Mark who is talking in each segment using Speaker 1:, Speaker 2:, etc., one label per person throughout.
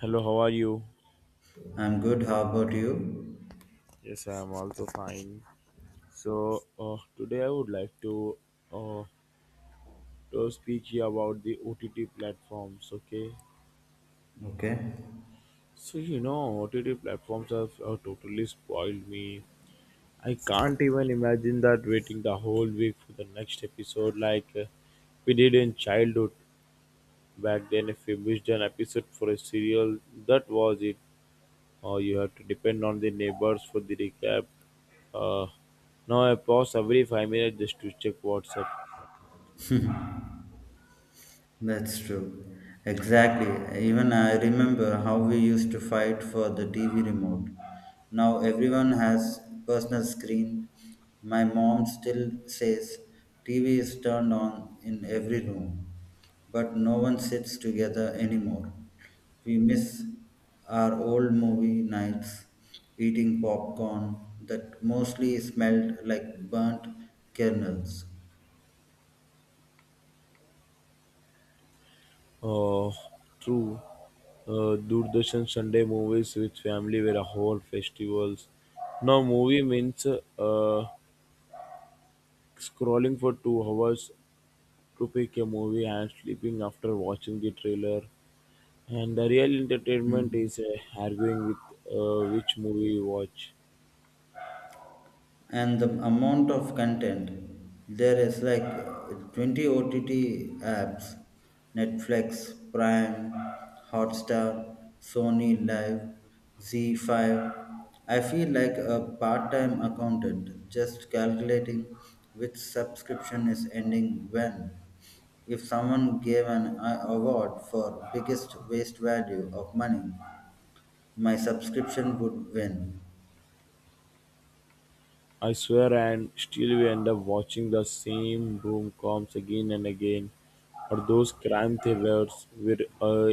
Speaker 1: Hello, how are you?
Speaker 2: I'm good. How about you?
Speaker 1: Yes, I am also fine. So today I would like to uh, to speak here about the OTT platforms. Okay,
Speaker 2: Okay,
Speaker 1: so you know OTT platforms have totally spoiled me. I can't even imagine that waiting the whole week for the next episode like we did in childhood. Back then, if we missed an episode for a serial, that was it, or you have to depend on the neighbors for the recap. Uh, Now I pause every 5 minutes just to check what's up.
Speaker 2: that's true. Exactly. Even I remember how we used to fight for the TV remote. Now everyone has personal screen. My mom still says TV is turned on in every room, but no one sits together anymore. We miss our old movie nights, eating popcorn that mostly smelled like burnt kernels.
Speaker 1: Uh, True. Doordarshan Sunday movies with family were a whole festivals. Now movie means scrolling for 2 hours to pick a movie and sleeping after watching the trailer. And the real entertainment
Speaker 2: Mm.
Speaker 1: is arguing with which movie you watch.
Speaker 2: And the amount of content there is like 20 OTT apps, Netflix, Prime, Hotstar, Sony Live, Z5. I feel like a part time accountant just calculating which subscription is ending when. If someone gave an award for biggest waste value of money, my subscription would win.
Speaker 1: I swear, and still we end up watching the same rom coms again and again, or those crime thrillers where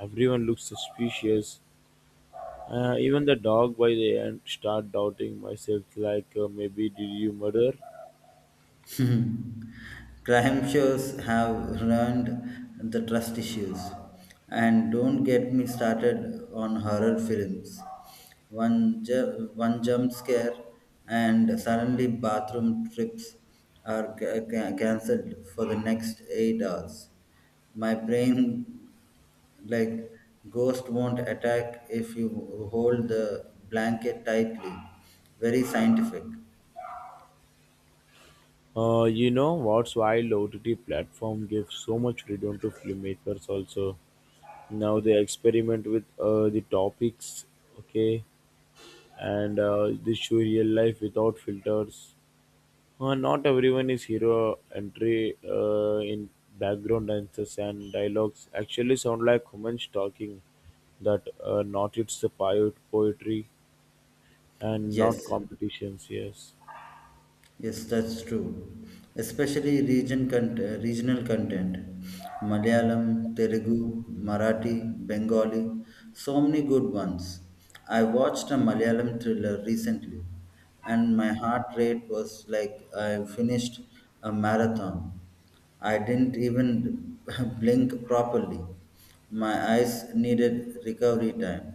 Speaker 1: everyone looks suspicious. Even the dog by the end start doubting myself like maybe did you murder?
Speaker 2: Crime shows have ruined the trust issues. And don't get me started on horror films. One jump scare and suddenly bathroom trips are cancelled for the next 8 hours. My brain, like, ghost won't attack if you hold the blanket tightly. Very scientific.
Speaker 1: You know what's wild, OTT platform gives so much freedom to filmmakers also. Now they experiment with the topics, okay, and they show real life without filters. Not everyone is hero entry in background dances, and dialogues actually sound like humans talking. That not, it's the poetry and
Speaker 2: Yes.
Speaker 1: not competitions, yes.
Speaker 2: Yes, that's true. Especially regional content. Malayalam, Telugu, Marathi, Bengali, so many good ones. I watched a Malayalam thriller recently and my heart rate was like I finished a marathon. I didn't even blink properly. My eyes needed recovery time.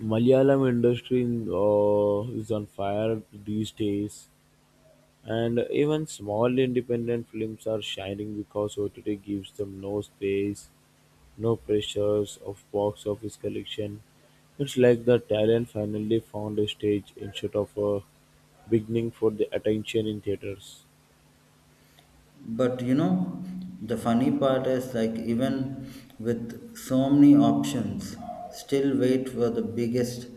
Speaker 1: Malayalam industry is on fire these days. And even small independent films are shining because OTT gives them no space, no pressures of box office collection. It's like the talent finally found a stage instead of a beginning for the attention in theaters.
Speaker 2: But you know, the funny part is like even with so many options, still wait for the biggest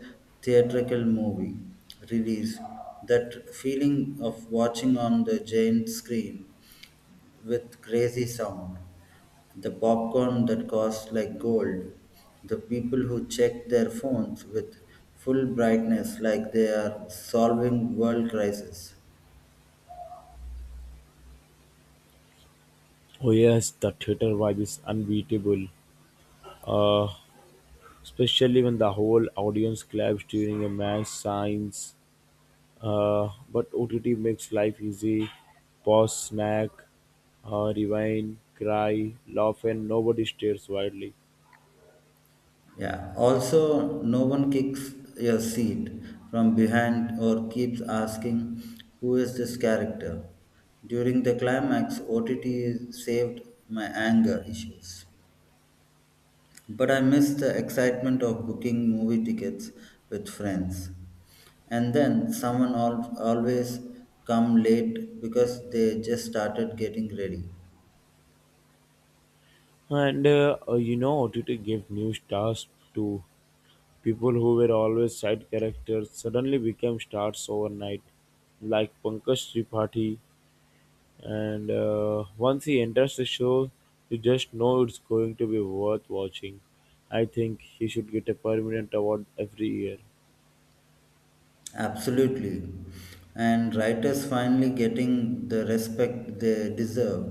Speaker 2: theatrical movie release. That feeling of watching on the giant screen with crazy sound, the popcorn that costs like gold, the people who check their phones with full brightness like they are solving world crisis.
Speaker 1: Oh yes, the theater vibe is unbeatable. Uh, Especially when the whole audience claps during a match signs. But OTT makes life easy. Pause, snack, rewind, cry, laugh, and nobody stares wildly.
Speaker 2: Yeah. Also, no one kicks your seat from behind or keeps asking who is this character. During the climax, OTT saved my anger issues. But I miss the excitement of booking movie tickets with friends. And then someone always come late because they just started getting ready.
Speaker 1: And you know, OTT gave new stars to people who were always side characters. Suddenly became stars overnight, like Pankaj Tripathi. And once he enters the show, you just know it's going to be worth watching. I think he should get a permanent award every year.
Speaker 2: Absolutely. And writers finally getting the respect they deserve.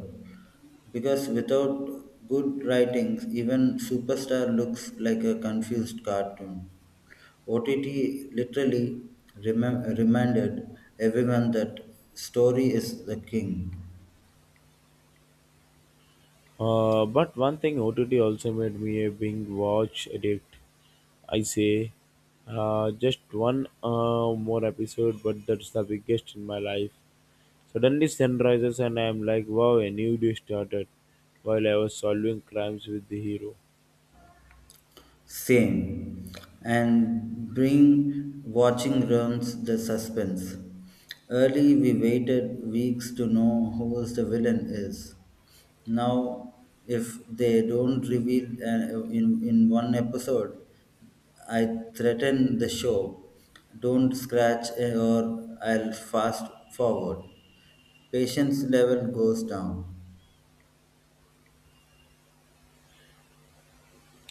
Speaker 2: Because without good writings, even Superstar looks like a confused cartoon. OTT literally reminded everyone that story is the king.
Speaker 1: But one thing, OTT also made me a big watch addict. I say, just one more episode, but that's the biggest in my life. Suddenly sun rises and I'm like, wow, a new day started. While I was solving crimes with the hero.
Speaker 2: Same. And bring watching ruins the suspense. Early we waited weeks to know who the villain is. Now, if they don't reveal in one episode, I threaten the show. Don't scratch or I'll fast forward. Patience level goes down.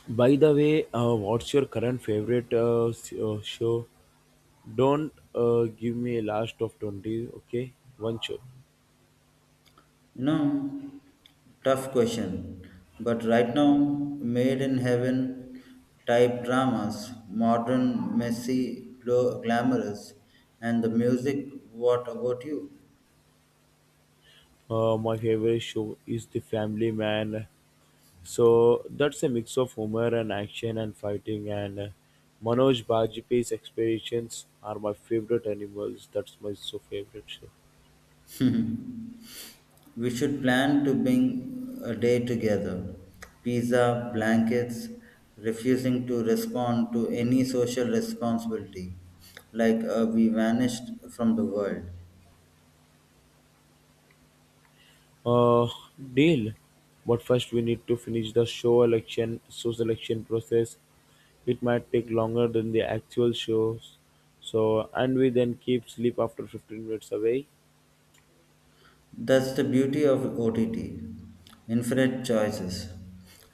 Speaker 1: By the way, what's your current favorite show? Don't give me a last of 20, okay? One show.
Speaker 2: You know, tough question. But right now, Made in Heaven type dramas, modern, messy, glamorous, and the music, what about you?
Speaker 1: My favorite show is The Family Man. So that's a mix of humor and action and fighting, and Manoj Bajpayee's expeditions are my favorite animals. That's my so favorite show.
Speaker 2: We should plan to bring a day together. Pizza, blankets, refusing to respond to any social responsibility, like we vanished from the world.
Speaker 1: Uh, Deal. But first we need to finish the show selection process. It might take longer than the actual shows. So and we then keep sleep after 15 minutes away.
Speaker 2: That's the beauty of OTT, infinite choices,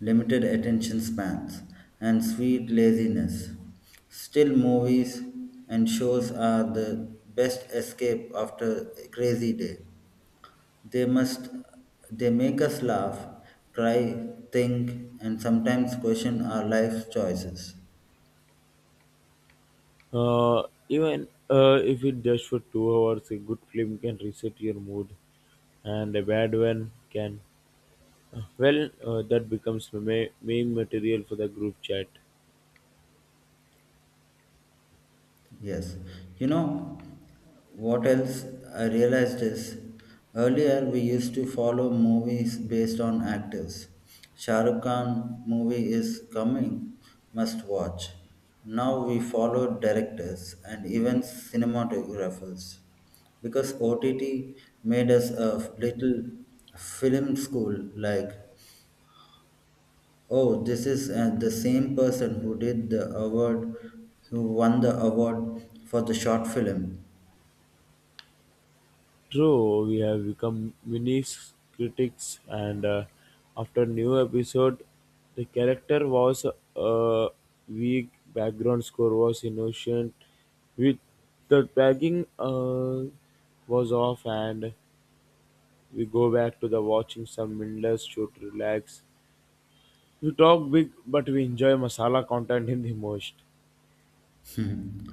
Speaker 2: limited attention spans, and sweet laziness. Still, movies and shows are the best escape after a crazy day. They must they make us laugh, cry, think, and sometimes question our life's choices.
Speaker 1: Uh, Even if it just for 2 hours, a good film can reset your mood, and a bad one can. Well, that becomes the main material for the group chat.
Speaker 2: Yes, you know what else I realized is earlier we used to follow movies based on actors. Shah Rukh Khan movie is coming, must watch. Now we follow directors and even cinematographers because OTT made us a little film school like, oh, this is the same person who did the award, who won the award for the short film.
Speaker 1: True, we have become mini critics, and after new episode, the character was uh, weak. Background score was innocent. With the tagging was off, and we go back to the watching some mindless show to relax. We talk big, but we enjoy masala content in the most.
Speaker 2: Hmm.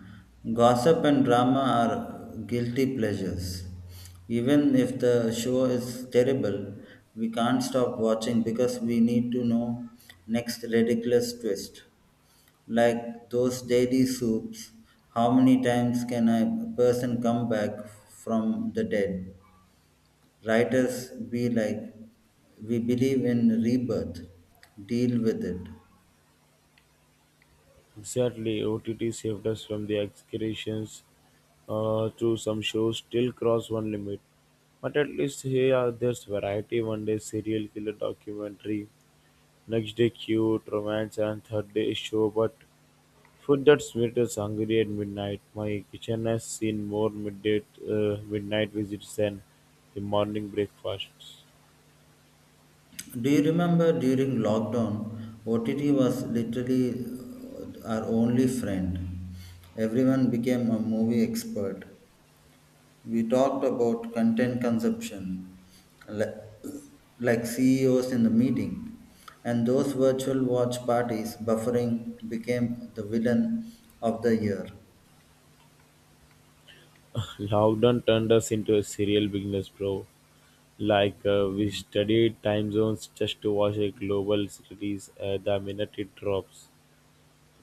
Speaker 2: Gossip and drama are guilty pleasures. Even if the show is terrible, we can't stop watching because we need to know next ridiculous twist. Like those daily soups, how many times can a person come back from the dead? Writers be like, we believe in rebirth, deal with it.
Speaker 1: Exactly, OTT saved us from the excretions through some shows still cross one limit. But at least here there's variety. One day serial killer documentary, next day cute romance, and third day show. But food that made us hungry at midnight. My kitchen has seen more midday midnight visits than the morning breakfasts.
Speaker 2: Do you remember during lockdown, OTT was literally our only friend? Everyone became a movie expert. We talked about content consumption, li- like CEOs in the meeting, and those virtual watch parties buffering became the villain of the year.
Speaker 1: Loudon turned us into a serial business, bro. Like we studied time zones just to watch a global series, the minute it drops.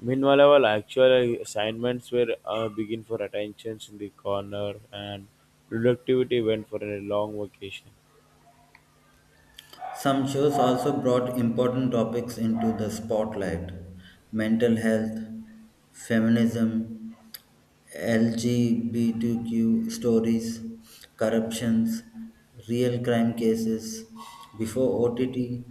Speaker 1: Meanwhile, our actual assignments were begin for attentions in the corner, and productivity went for a long vacation.
Speaker 2: Some shows also brought important topics into the spotlight, mental health, feminism, LGBTQ stories, corruptions, real crime cases before OTT,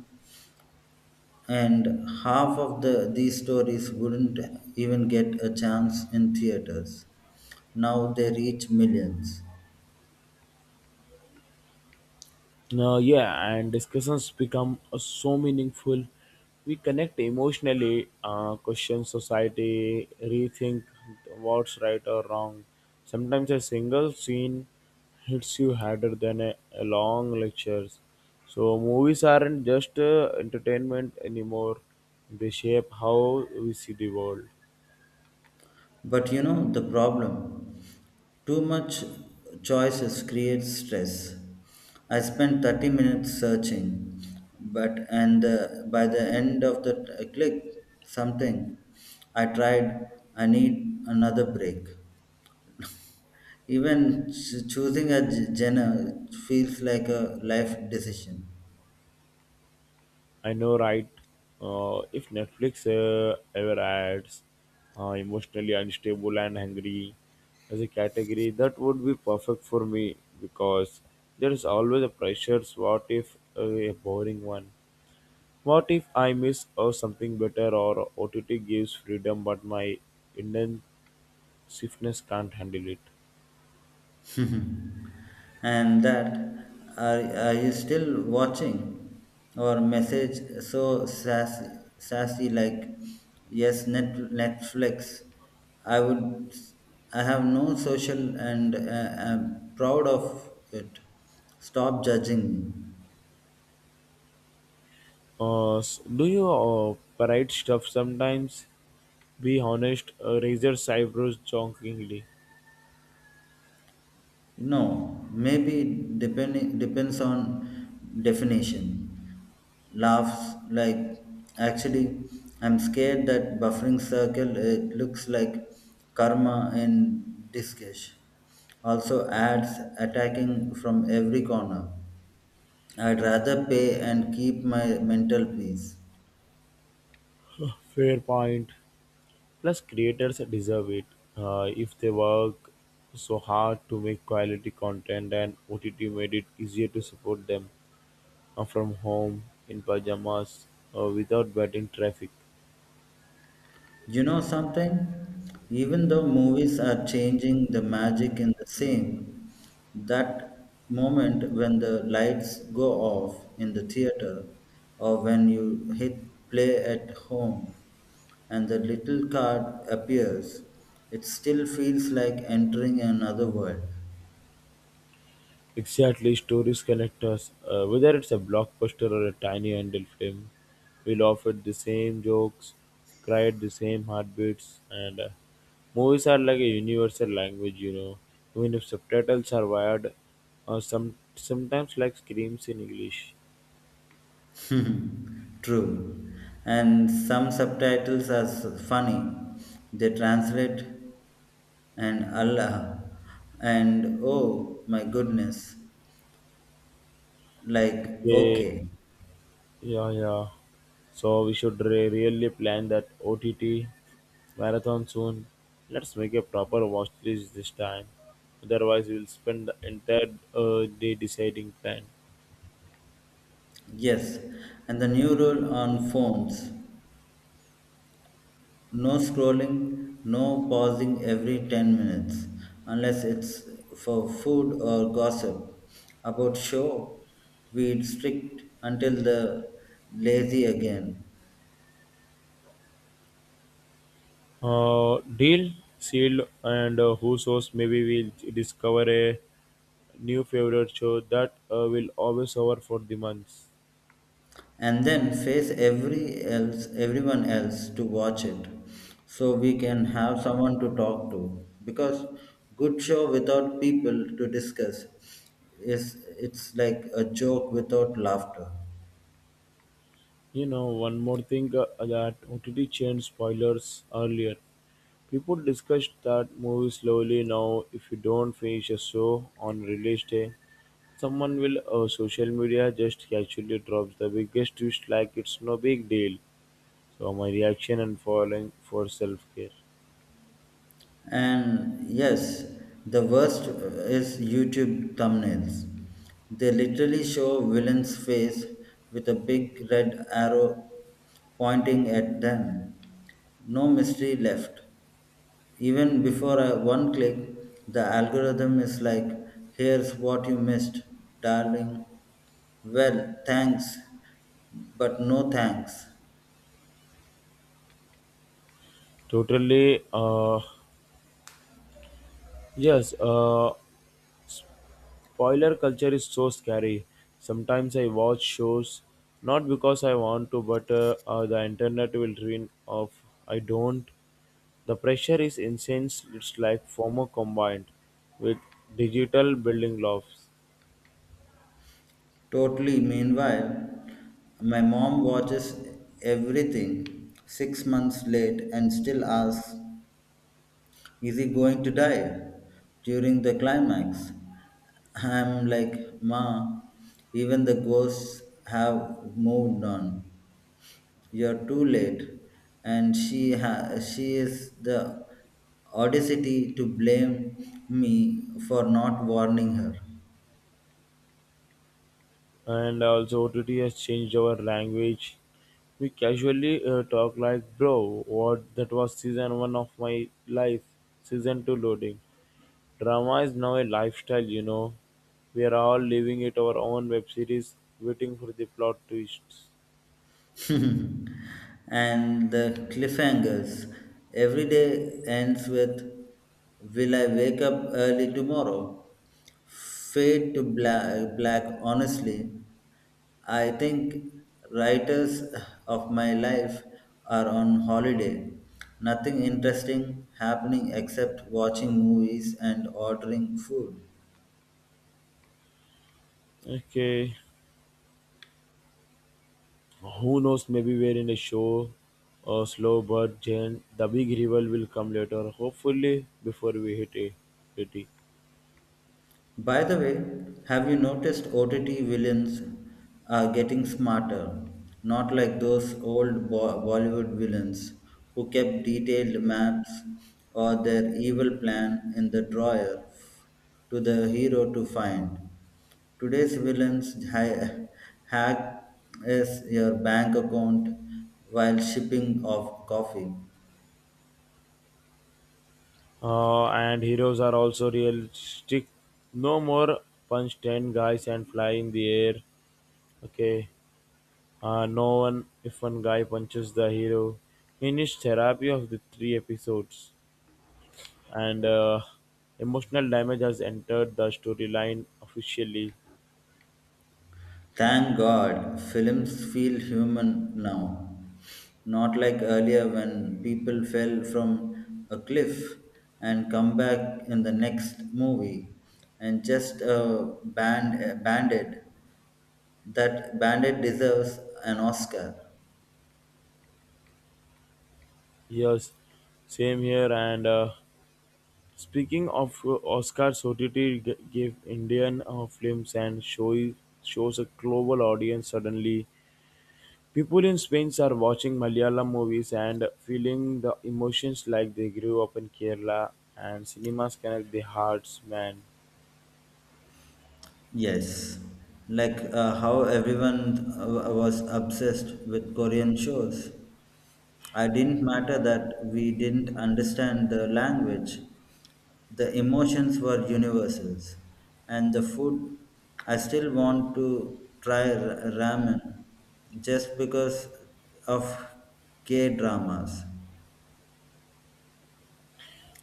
Speaker 2: and half of these stories wouldn't even get a chance in theaters. Now they reach millions.
Speaker 1: Yeah, and discussions become so meaningful. We connect emotionally, question society, rethink what's right or wrong. Sometimes a single scene hits you harder than a long lectures. So movies aren't just entertainment anymore. They shape how we see the world.
Speaker 2: But you know the problem, too much choices creates stress. I spent 30 minutes searching, but and by the end of the click something I tried, I need another break. Even choosing a genre feels like a life decision.
Speaker 1: I know, right? If Netflix ever adds emotionally unstable and hungry as a category, that would be perfect for me, because there is always a pressures. What if a boring one? What if I miss or something better, or OTT gives freedom but my Indian stiffness can't handle it?
Speaker 2: And that are you still watching or message so sassy like, yes Netflix, I would, I have no social and I'm proud of it. Stop judging me.
Speaker 1: Do you parade stuff sometimes? Be honest, razors eyebrows jokingly.
Speaker 2: No, maybe it depending depends on definition. Laughs like actually I'm scared that buffering circle, it looks like karma in disguise. Also ads attacking from every corner. I'd rather pay and keep my mental peace.
Speaker 1: Fair point. Plus, creators deserve it. If they work so hard to make quality content, and OTT made it easier to support them from home, in pajamas, without battling traffic.
Speaker 2: You know something? Even though movies are changing, the magic in the same. That moment when the lights go off in the theater, or when you hit play at home and the little card appears, it still feels like entering another world.
Speaker 1: Exactly, stories connect us. Whether it's a blockbuster or a tiny handle film, we laugh at the same jokes, cry at the same heartbeats, and movies are like a universal language, you know. Even if subtitles are wired, or some sometimes like screams in English.
Speaker 2: True. And some subtitles are funny. They translate and Allah and oh my goodness, like,
Speaker 1: Okay.
Speaker 2: okay.
Speaker 1: Yeah, yeah. So we should really plan that OTT marathon soon. Let's make a proper watch list this time. Otherwise, we'll spend the entire day deciding plan.
Speaker 2: Yes, and the new rule on phones, no scrolling, no pausing every 10 minutes unless it's for food or gossip about show. We'd strict until the lazy again,
Speaker 1: Deal sealed, and who knows? Maybe we'll discover a new favorite show that will always over for the months.
Speaker 2: and then face every else everyone else to watch it so we can have someone to talk to, because good show without people to discuss is, it's like a joke without laughter.
Speaker 1: You know, one more thing that OTT changed spoilers earlier. People discussed that movie slowly now. If you don't finish a show on release day, someone will social media just casually drops the biggest twist like it's no big deal. So my reaction and following for self care.
Speaker 2: And yes, the worst is YouTube thumbnails. They literally show villain's face with a big red arrow pointing at them. No mystery left. Even before a one click, the algorithm is like, here's what you missed, darling. Well, thanks, but no thanks.
Speaker 1: Totally, yes. Spoiler culture is so scary. Sometimes I watch shows not because I want to, but the internet will ruin of I don't. The pressure is insane. It's like FOMO combined with digital building blocks,
Speaker 2: Totally. Meanwhile, my mom watches everything 6 months late and still asks, is he going to die during the climax? I'm like, Ma, even the ghosts have moved on. You're too late, and she is the audacity to blame me for not warning her.
Speaker 1: and also OTT has changed our language. We casually talk like, bro, what that was season one of my life, season two loading. Drama is now a lifestyle, you know. We're all living it our own web series, waiting for the plot twists.
Speaker 2: And the cliffhangers. Every day ends with, "Will I wake up early tomorrow?" Fade to black, honestly. I think writers of my life are on holiday. Nothing interesting happening except watching movies and ordering food.
Speaker 1: Okay. Who knows? Maybe we're in a show or slow bird Jane. The big reveal will come later, hopefully before we hit a 80.
Speaker 2: By the way, have you noticed OTT villains are getting smarter? Not like those old Bollywood villains who kept detailed maps or their evil plan in the drawer to the hero to find. Today's villains hack is your bank account while shipping off coffee.
Speaker 1: And heroes are also realistic. No more punch ten guys and fly in the air. Okay. No one if one guy punches the hero. Finished therapy of the three episodes, and emotional damage has entered the storyline officially.
Speaker 2: Thank God, films feel human now, not like earlier when people fell from a cliff and come back in the next movie and just a bandit. That bandit deserves an Oscar.
Speaker 1: Yes, same here. And speaking of Oscars, OTT gave Indian films and shows a global audience suddenly. People in Spain are watching Malayalam movies and feeling the emotions like they grew up in Kerala, and cinemas connect the hearts, man.
Speaker 2: Yes, like how everyone was obsessed with Korean shows. I didn't matter that we didn't understand the language. The emotions were universals, and the food. I still want to try ramen just because of K dramas.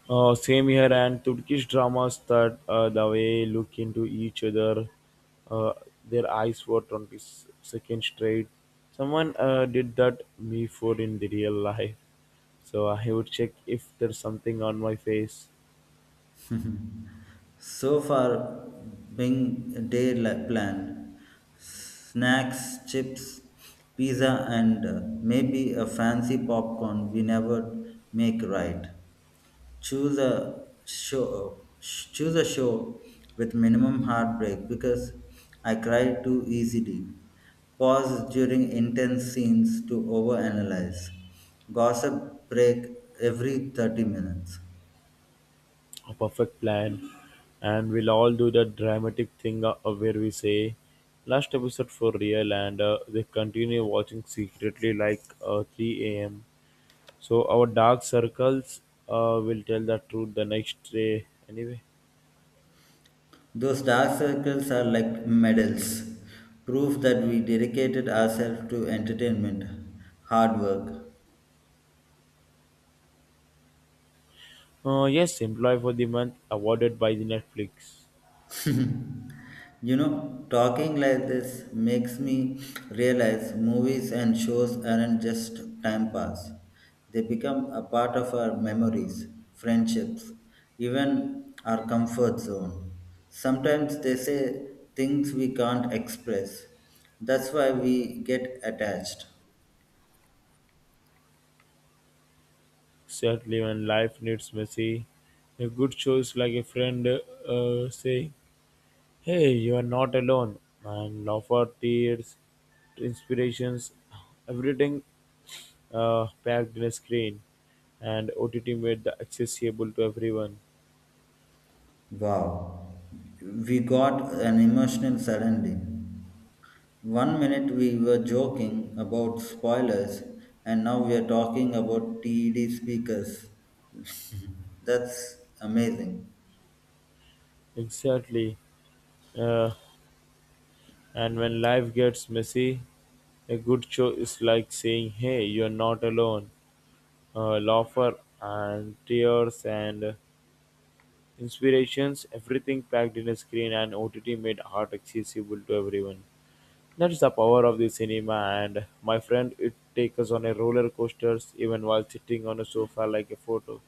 Speaker 1: Same here, and Turkish dramas that the way look into each other, uh, their eyes for 20 seconds straight. Someone did that before in the real life. So I would check if there's something on my face,
Speaker 2: So far, being day plan, snacks, chips, pizza, and maybe a fancy popcorn we never make right. Choose a show. Choose a show with minimum heartbreak because I cry too easily. Pause during intense scenes to overanalyze. Gossip break every 30 minutes.
Speaker 1: a perfect plan, and we'll all do that dramatic thing where we say, last episode for real, and they continue watching secretly like 3 a.m. So our dark circles will tell the truth the next day anyway.
Speaker 2: Those dark circles are like medals, proof that we dedicated ourselves to entertainment, hard work.
Speaker 1: Yes, employee for the month awarded by the Netflix.
Speaker 2: You know, talking like this makes me realize movies and shows aren't just time pass, they become a part of our memories, friendships, even our comfort zone. Sometimes they say things we can't express. That's why we get attached.
Speaker 1: Certainly, when life needs mercy, a good show is like a friend saying, "Hey, you are not alone," and offer tears, inspirations, everything packed in a screen, and OTT made the accessible to everyone.
Speaker 2: Wow, we got an emotional suddenly. One minute we were joking about spoilers, and now we are talking about TED speakers. That's amazing.
Speaker 1: Exactly. Uh, And when life gets messy, a good show is like saying, "Hey, you're not alone." Laughter and tears and inspirations, everything packed in a screen, and OTT made art accessible to everyone. That's the power of the cinema, and my friend, it takes us on a roller coasters even while sitting on a sofa like a photo.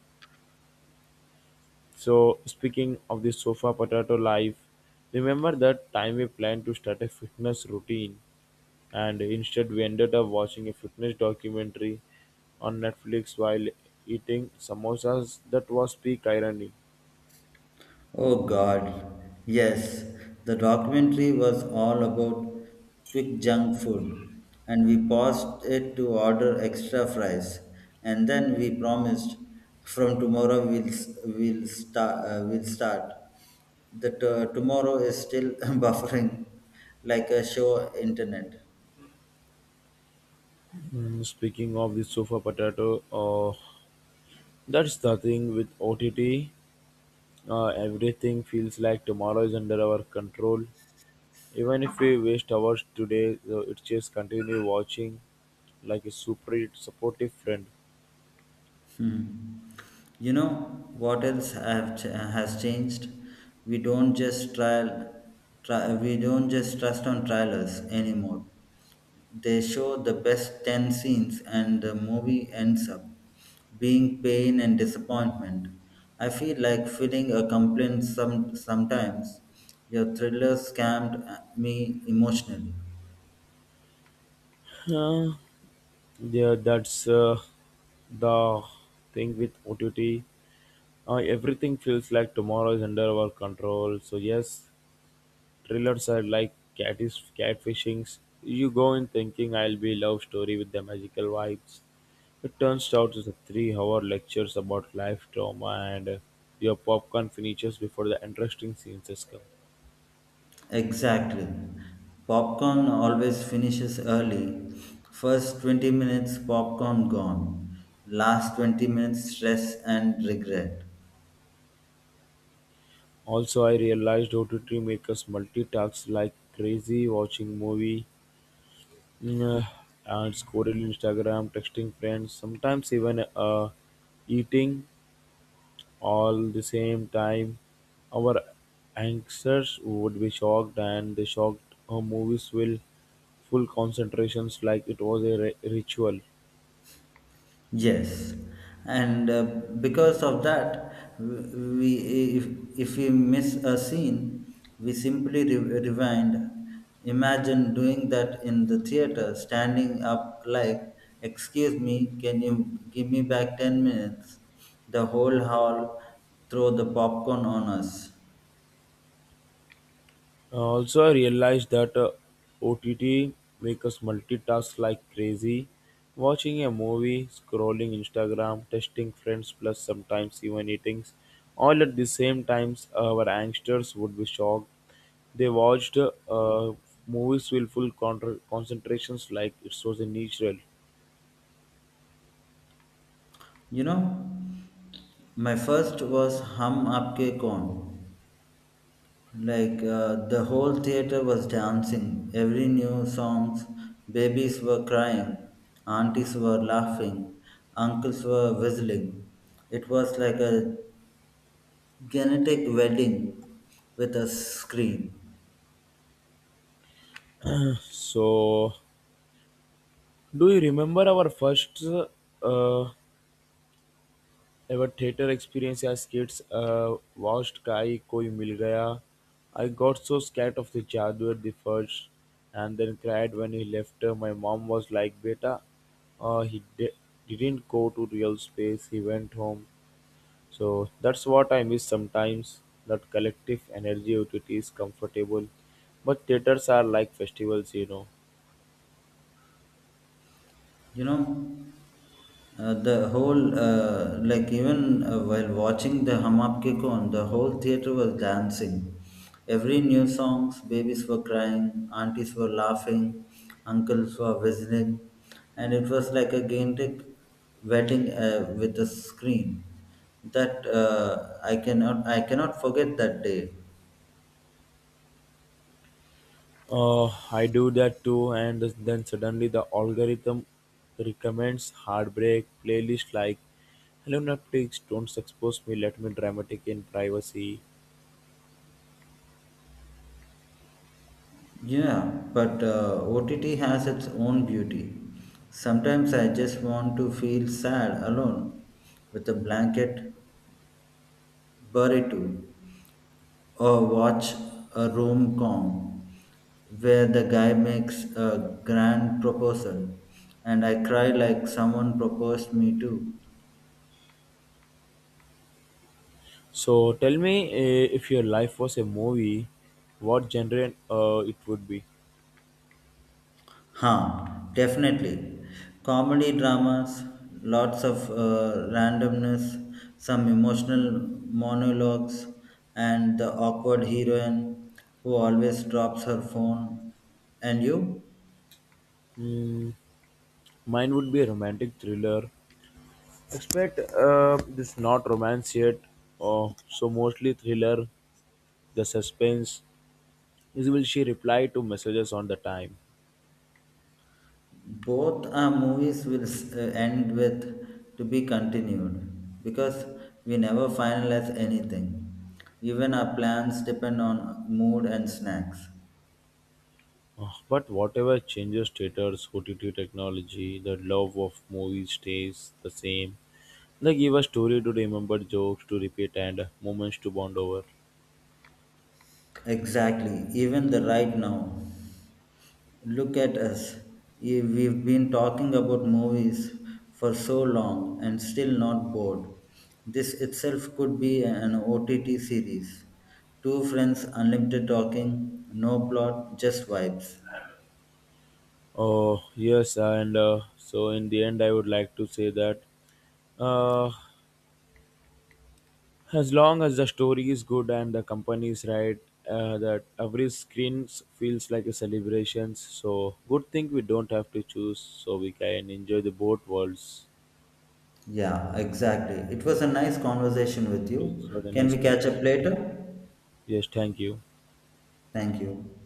Speaker 1: So, speaking of the sofa potato life, remember that time we planned to start a fitness routine and instead we ended up watching a fitness documentary on Netflix while eating samosas? That was peak irony.
Speaker 2: Oh God, yes, the documentary was all about quick junk food, and we paused it to order extra fries, and then we promised from tomorrow we'll start. That tomorrow is still buffering like a show internet.
Speaker 1: Mm, speaking of the sofa potato, that's the thing with OTT. Everything feels like tomorrow is under our control. Even if we waste hours today, it just continue watching like a super supportive friend.
Speaker 2: Hmm. You know what else has changed? We don't just trial, we don't just trust on trailers anymore. They show the best ten scenes, and the movie ends up being pain and disappointment. I feel like filling a complaint some sometimes. Your thriller scammed me emotionally.
Speaker 1: Uh, yeah, that's the thing with OTT. Everything feels like tomorrow is under our control. So yes, thrillers are like catfish, catfishings. You go in thinking I'll be love story with the magical vibes. It turns out it's a three-hour lectures about life trauma, and your popcorn finishes before the interesting scenes has come.
Speaker 2: Exactly. Popcorn always finishes early. First 20 minutes, popcorn gone. Last 20 minutes, stress and regret.
Speaker 1: Also, I realized OTT us multitask like crazy, watching movie mm, uh, and scrolling Instagram, texting friends, sometimes even eating, all the same time. Our ancestors would be shocked, and the shocked movies will full concentrations like it was a ritual.
Speaker 2: Yes, and because of that, we if if we miss a scene, we simply rewind. Imagine doing that in the theater, standing up like, "Excuse me, can you give me back 10 minutes?" The whole hall throw the popcorn on us.
Speaker 1: Also, I realized that OTT makes us multitask like crazy. Watching a movie, scrolling Instagram, texting friends, plus sometimes even eating. All at the same times, our youngsters would be shocked. They watched movies with full concentrations like it was a natural.
Speaker 2: You know, my first was Hum Aapke Kaun. Like the whole theater was dancing. Every new songs, babies were crying, aunties were laughing, uncles were whistling. It was like a genetic wedding with a scream.
Speaker 1: So, do you remember our first uh, ever theater experience as kids watched Kai Koi Mil Gaya? I got so scared of the jadoo the first and then cried when he left. My mom was like, "Beta, uh, he di- didn't go to real space, he went home." So that's what I miss sometimes. That collective energy, it is comfortable. But theaters are like festivals, you know.
Speaker 2: You know the whole like even while watching the Hum Aap Kaun, the whole theater was dancing, every new songs babies were crying, aunties were laughing, uncles were whistling, and it was like a gigantic wedding with a screen. That I cannot forget that day.
Speaker 1: I do that too, and then suddenly the algorithm recommends heartbreak playlist like, "Hello Netflix, don't expose me, let me dramatic in privacy."
Speaker 2: Yeah, but OTT has its own beauty. Sometimes I just want to feel sad alone with a blanket burrito or watch a rom com where the guy makes a grand proposal and I cry like someone proposed me too.
Speaker 1: So tell me, if your life was a movie, what genre it would be?
Speaker 2: Huh, definitely. Comedy dramas, lots of randomness, some emotional monologues, and the awkward heroine who always drops her phone. And you?
Speaker 1: Mm, mine would be a romantic thriller. Expect this not romance yet, so mostly thriller. The suspense is will she reply to messages on the time.
Speaker 2: Both our movies will end with to be continued because we never finalize anything. Even our plans depend on mood and snacks.
Speaker 1: Ah, but whatever changes theaters, OTT technology, the love of movies stays the same. They give a story to remember, jokes to repeat, and moments to bond over.
Speaker 2: Exactly, even the right now. Look at us. Eh, we've been talking about movies for so long and still not bored. This itself could be an OTT series. Two friends, unlimited talking, no plot, just vibes.
Speaker 1: Oh, yes, and so in the end, I would like to say that uh, as long as the story is good and the company is right, that every screen feels like a celebration. So, good thing we don't have to choose, so we can enjoy the both worlds.
Speaker 2: Yeah, exactly. It was a nice conversation with
Speaker 1: It's what
Speaker 2: you.
Speaker 1: a
Speaker 2: Can
Speaker 1: nice
Speaker 2: we catch up
Speaker 1: conversation. Thank
Speaker 2: later?
Speaker 1: you. Yes, thank you.
Speaker 2: Thank you.